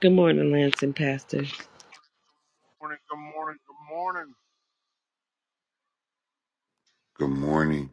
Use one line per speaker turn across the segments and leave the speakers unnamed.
Good morning, Lance and Pastor.
Morning, good morning, good morning.
Good morning.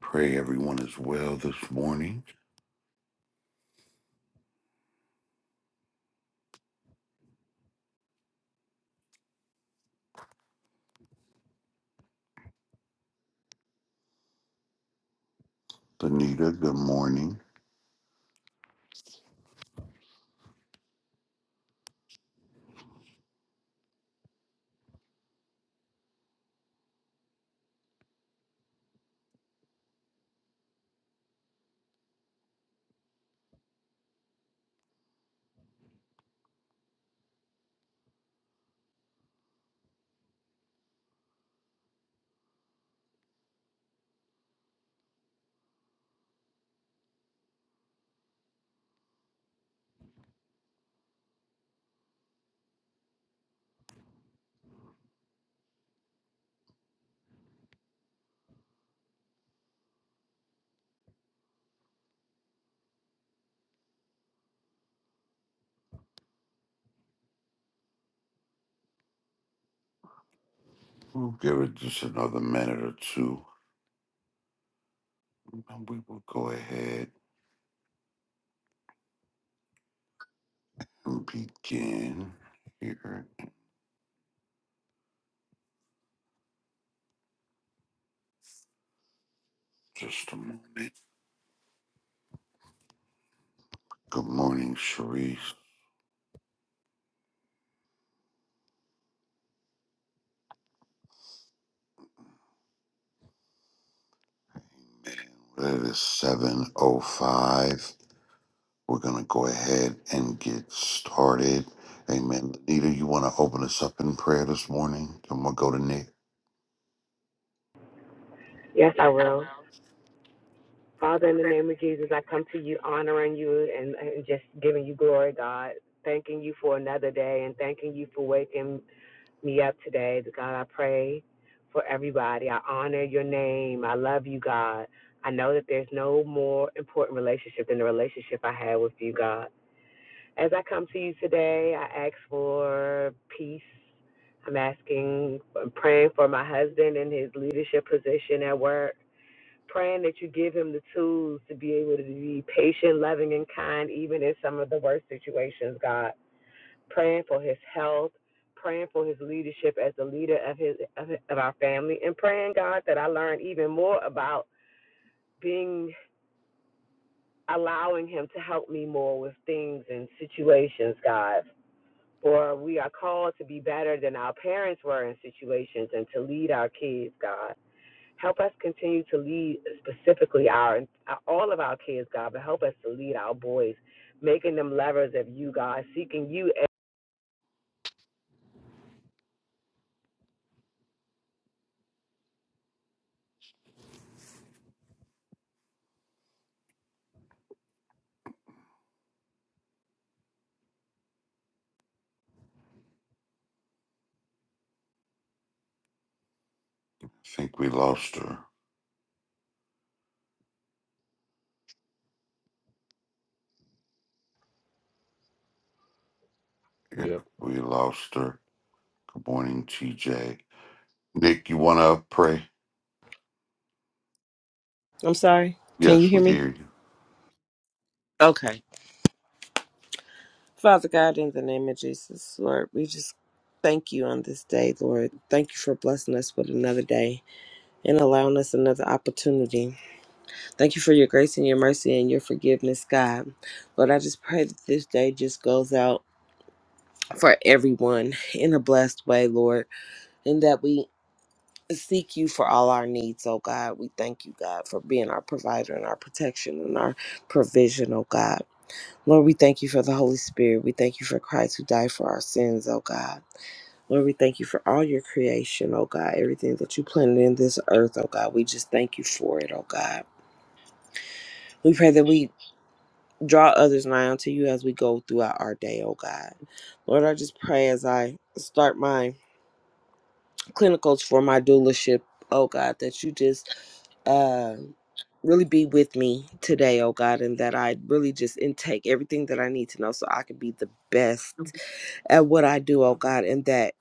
Pray everyone is well this morning. Benita, good morning. We'll give it just another minute or two, and we will go ahead and begin here in just a moment. Good morning, Sharice. Man, it is 7.05. We're going to go ahead and get started. Amen. Benita, you want to open us up in prayer this morning? Then we'll go to Nick.
Yes, I will. Father, in the name of Jesus, I come to you honoring you and, and just giving you glory, God. Thanking you for another day and thanking you for waking me up today. God, I pray for everybody. I honor your name. I love you, God. I know that there's no more important relationship than the relationship I have with you, God. As I come to you today, I ask for peace. I'm asking, I'm praying for my husband and his leadership position at work praying that you give him the tools to be able to be patient, loving, and kind, even in some of the worst situations, God. Praying for his health, praying for his leadership as the leader of his of, of our family, and praying, God, that I learn even more about being allowing him to help me more with things and situations, God. For we are called to be better than our parents were in situations and to lead our kids, God. Help us continue to lead specifically our all of our kids, God, but help us to lead our boys, making them lovers of you, God, seeking you
I think we lost her. Yeah,
Yep.
we lost her. Good morning, TJ. Nick, you want to pray?
I'm sorry. Can you
Yes,
hear
we
me?
hear you.
Okay. Father God, in the name of Jesus, Lord, we just thank you on this day, Lord. Thank you for blessing us with another day and allowing us another opportunity. Thank you for your grace and your mercy and your forgiveness, God. Lord, I just pray that this day just goes out for everyone in a blessed way, Lord, and that we seek you for all our needs, oh God. We thank you, God, for being our provider and our protection and our provision, oh God. Lord, we thank you for the Holy Spirit. We thank you for Christ who died for our sins, oh God. Lord, we thank you for all your creation, oh God, everything that you planted in this earth, oh God. We just thank you for it, oh God. We pray that we draw others nigh unto you as we go throughout our day, oh God. Lord, I just pray as I start my clinicals for my doulaship, oh God, that you just uh, really be with me today, oh God, and that I really just intake everything that I need to know so I can be the best at what I do, oh God, and that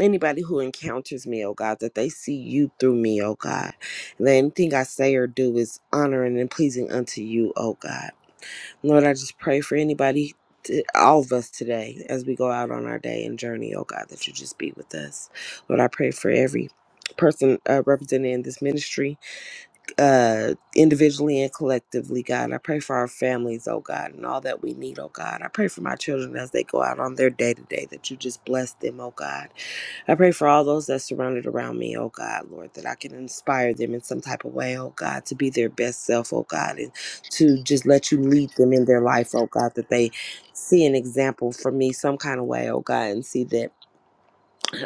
anybody who encounters me, oh God, that they see you through me, oh God. And that anything I say or do is honoring and pleasing unto you, oh God. Lord, I just pray for anybody. t- All of us today, as we go out on our day and journey, oh God, that you just be with us. Lord, I pray for every person uh, represented in this ministry uh, individually and collectively, God. I pray for our families, oh God, and all that we need, oh God. I pray for my children as they go out on their day to day that you just bless them, oh God. I pray for all those that surrounded around me, oh God, Lord, that I can inspire them in some type of way, oh God, to be their best self, oh God, and to just let you lead them in their life, oh God, that they see an example from me some kind of way, oh God, and see that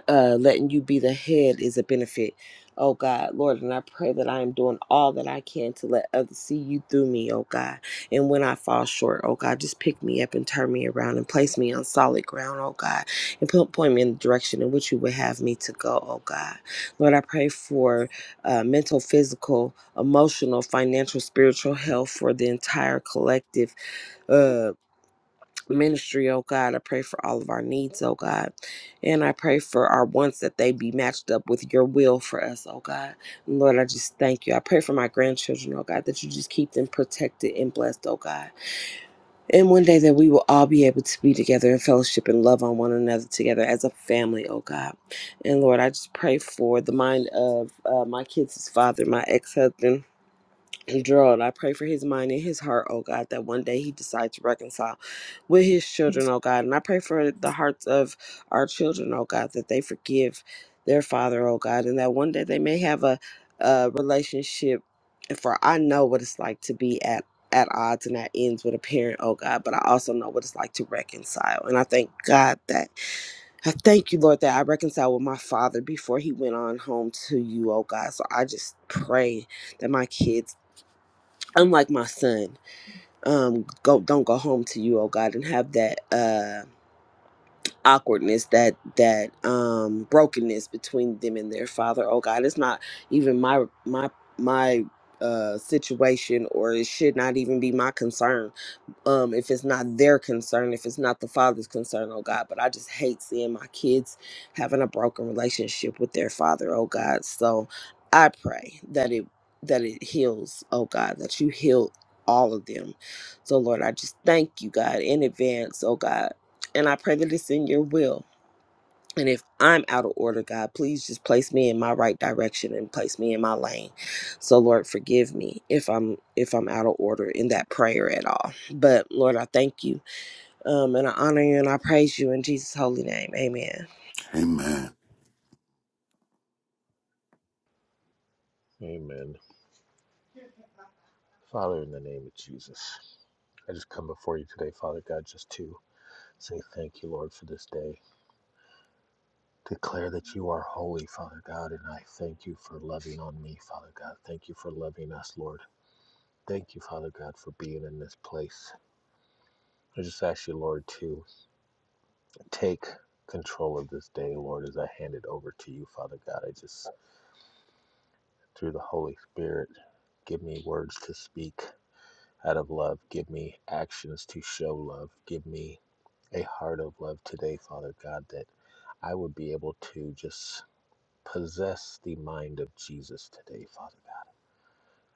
uh, letting you be the head is a benefit. Oh God, Lord, and I pray that I am doing all that I can to let others see you through me, oh God. And when I fall short, oh God, just pick me up and turn me around and place me on solid ground, oh God, and put, point me in the direction in which you would have me to go, oh God. Lord, I pray for uh, mental, physical, emotional, financial, spiritual health for the entire collective. uh, ministry, oh God. I pray for all of our needs, oh God. And I pray for our wants that they be matched up with your will for us, oh God. And Lord, I just thank you. I pray for my grandchildren, oh God, that you just keep them protected and blessed, oh God. And one day that we will all be able to be together in fellowship and love on one another together as a family, oh God. And Lord, I just pray for the mind of uh, my kids' father, my ex husband. Gerald, I pray for his mind and his heart, oh God, that one day he decides to reconcile with his children, oh God. And I pray for the hearts of our children, oh God, that they forgive their father, oh God, and that one day they may have a, a relationship. For I know what it's like to be at at odds and at ends with a parent, oh God, but I also know what it's like to reconcile. And I thank God that I thank you, Lord, that I reconciled with my father before he went on home to you, oh God. So I just pray that my kids unlike my son um go don't go home to you oh god and have that uh awkwardness that that um brokenness between them and their father oh god it's not even my my my uh situation or it should not even be my concern um, if it's not their concern, if it's not the father's concern, oh God. But I just hate seeing my kids having a broken relationship with their father, oh God. So I pray that it that it heals, oh God, that you heal all of them. So Lord, I just thank you, God, in advance, oh God. And I pray that it's in your will and if I'm out of order, God, please just place me in my right direction and place me in my lane. So Lord, forgive me if I'm if I'm out of order in that prayer at all. But Lord, I thank you. Um and I honor you and I praise you in Jesus' holy name. Amen.
Amen.
Amen. Father, in the name of Jesus, I just come before you today, Father God, just to say thank you, Lord, for this day. Declare that you are holy, Father God, and I thank you for loving on me, Father God. Thank you for loving us, Lord. Thank you, Father God, for being in this place. I just ask you, Lord, to take control of this day, Lord, as I hand it over to you, Father God. I just, through the Holy Spirit, give me words to speak out of love. Give me actions to show love. Give me a heart of love today, Father God, that I would be able to just possess the mind of Jesus today, Father God.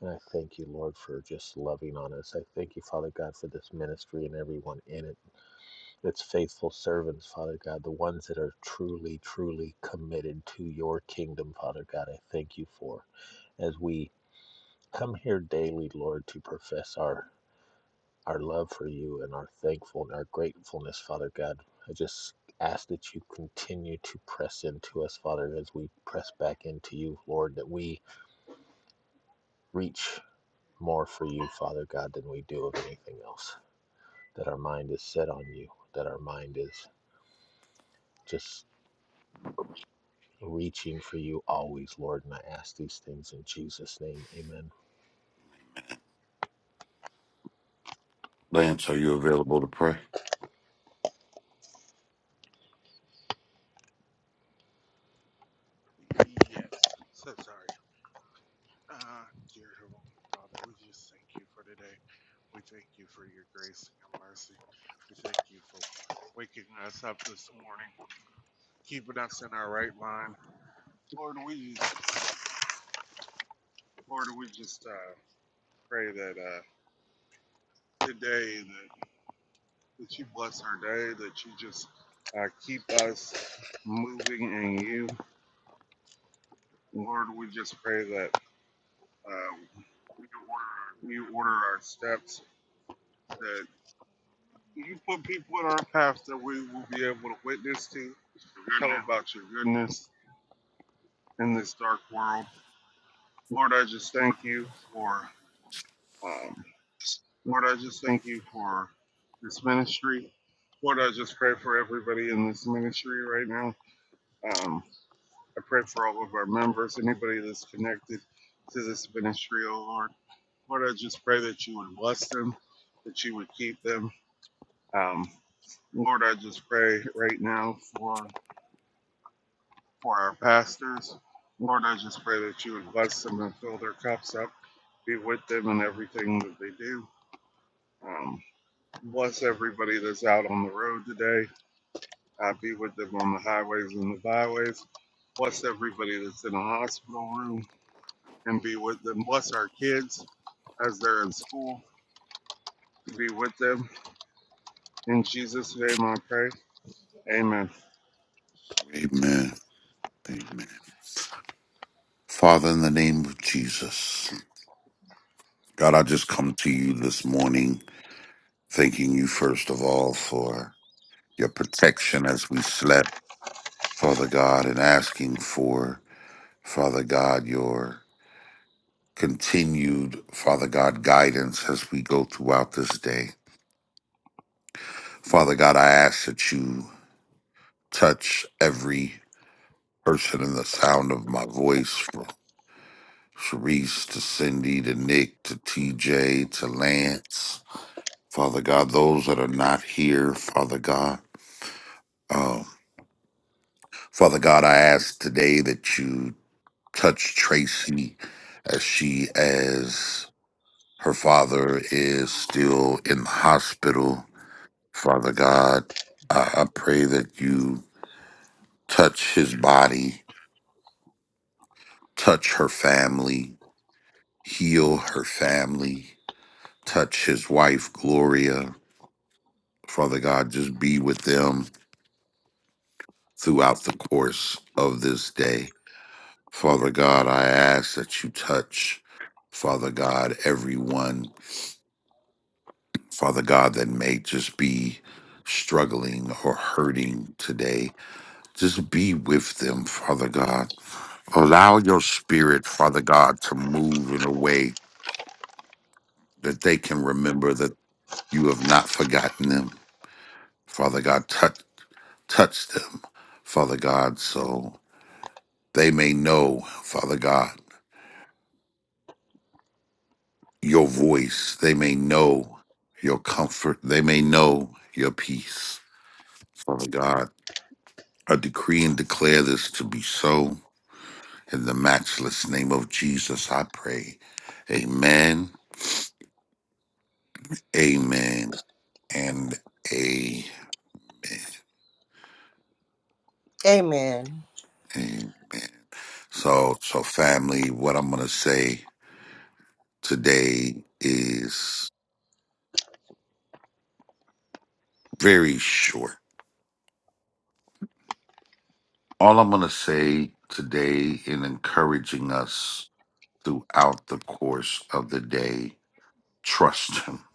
And I thank you, Lord, for just loving on us. I thank you, Father God, for this ministry and everyone in it. Its faithful servants, Father God, the ones that are truly, truly committed to your kingdom, Father God. I thank you for as we come here daily, Lord, to profess our our love for you and our thankful and our gratefulness, Father God. I just ask that you continue to press into us, Father, as we press back into you, Lord, that we reach more for you, Father God, than we do of anything else. That our mind is set on you, that our mind is just reaching for you always, Lord. And I ask these things in Jesus' name. Amen.
Lance, are you available to pray?
Yes. So sorry. Uh, dear Heavenly Father, we just thank you for today. We thank you for your grace and your mercy. We thank you for waking us up this morning, keeping us in our right mind. Lord, we just, Lord, we just uh, pray that uh, today that, that you bless our day, that you just uh, keep us moving in you. Lord, we just pray that uh, you order our steps, that You put people in our paths that we will be able to witness to, tell about your goodness in this dark world. Lord, I just thank you for, um, Lord, I just thank you for this ministry. Lord, I just pray for everybody in this ministry right now. Um, I pray for all of our members, anybody that's connected to this ministry, oh Lord. Lord, I just pray that you would bless them, that you would keep them. Um, Lord, I just pray right now for for our pastors. Lord, I just pray that you would bless them and fill their cups up, be with them in everything that they do. Um, bless everybody that's out on the road today. Uh, be with them on the highways and the byways. Bless everybody that's in a hospital room and be with them. Bless our kids as they're in school. Be with them. In Jesus' name I pray. Amen.
Amen. Amen. Father, in the name of Jesus, God, I just come to you this morning, thanking you, first of all, for your protection as we slept, Father God, and asking for, Father God, your continued, Father God, guidance as we go throughout this day. Father God, I ask that you touch every person in the sound of my voice from Sharice to Cindy to Nick to TJ to Lance. Father God, those that are not here, Father God. Um, Father God, I ask today that you touch Tracy as she, as her father is still in the hospital. Father God, I, I pray that you touch his body, touch her family, heal her family touch his wife, Gloria. Father God, just be with them throughout the course of this day. Father God, I ask that you touch, Father God, everyone, Father God, that may just be struggling or hurting today. Just be with them, Father God. Allow your spirit, Father God, to move in a way that they can remember that you have not forgotten them. Father God, touch touch them, Father God, so they may know, Father God, your voice. They may know your comfort. They may know your peace. Father God, I decree and declare this to be so. In the matchless name of Jesus, I pray. Amen, amen, and a,
Amen.
amen. So, so family, what I'm going to say today is. very short. All I'm going to say today in encouraging us throughout the course of the day, trust him.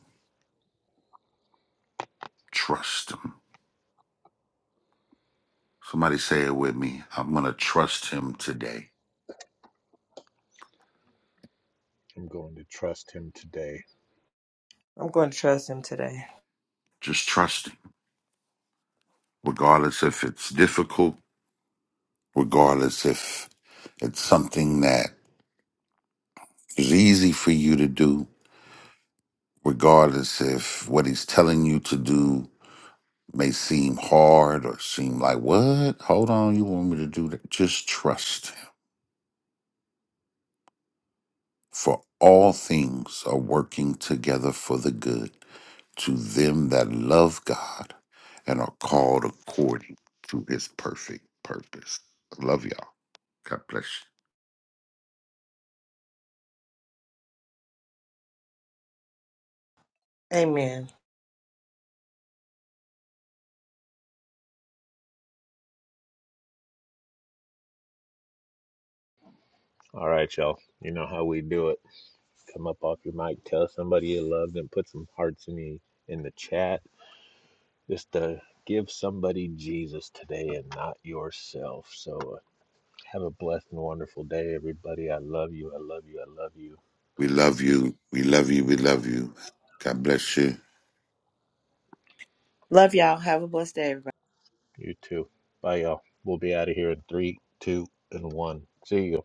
Trust him. Somebody say it with me. I'm going to trust him today.
I'm going to trust him today.
I'm going to trust him today.
Just trust him, regardless if it's difficult, regardless if it's something that is easy for you to do, regardless if what he's telling you to do may seem hard or seem like, what? Hold on, you want me to do that? Just trust him For all things are working together for the good to them that love God and are called according to his perfect purpose. I love y'all. God bless you.
Amen.
All right, y'all. You know how we do it. Come up off your mic, tell somebody you love them, put some hearts in the in the chat. Just to give somebody Jesus today and not yourself. So uh, have a blessed and wonderful day, everybody. I love you. I love you. I love you.
We love you. We love you. We love you. God bless you.
Love y'all. Have a blessed day, everybody.
You too. Bye, y'all. We'll be out of here in three, two, and one. See you.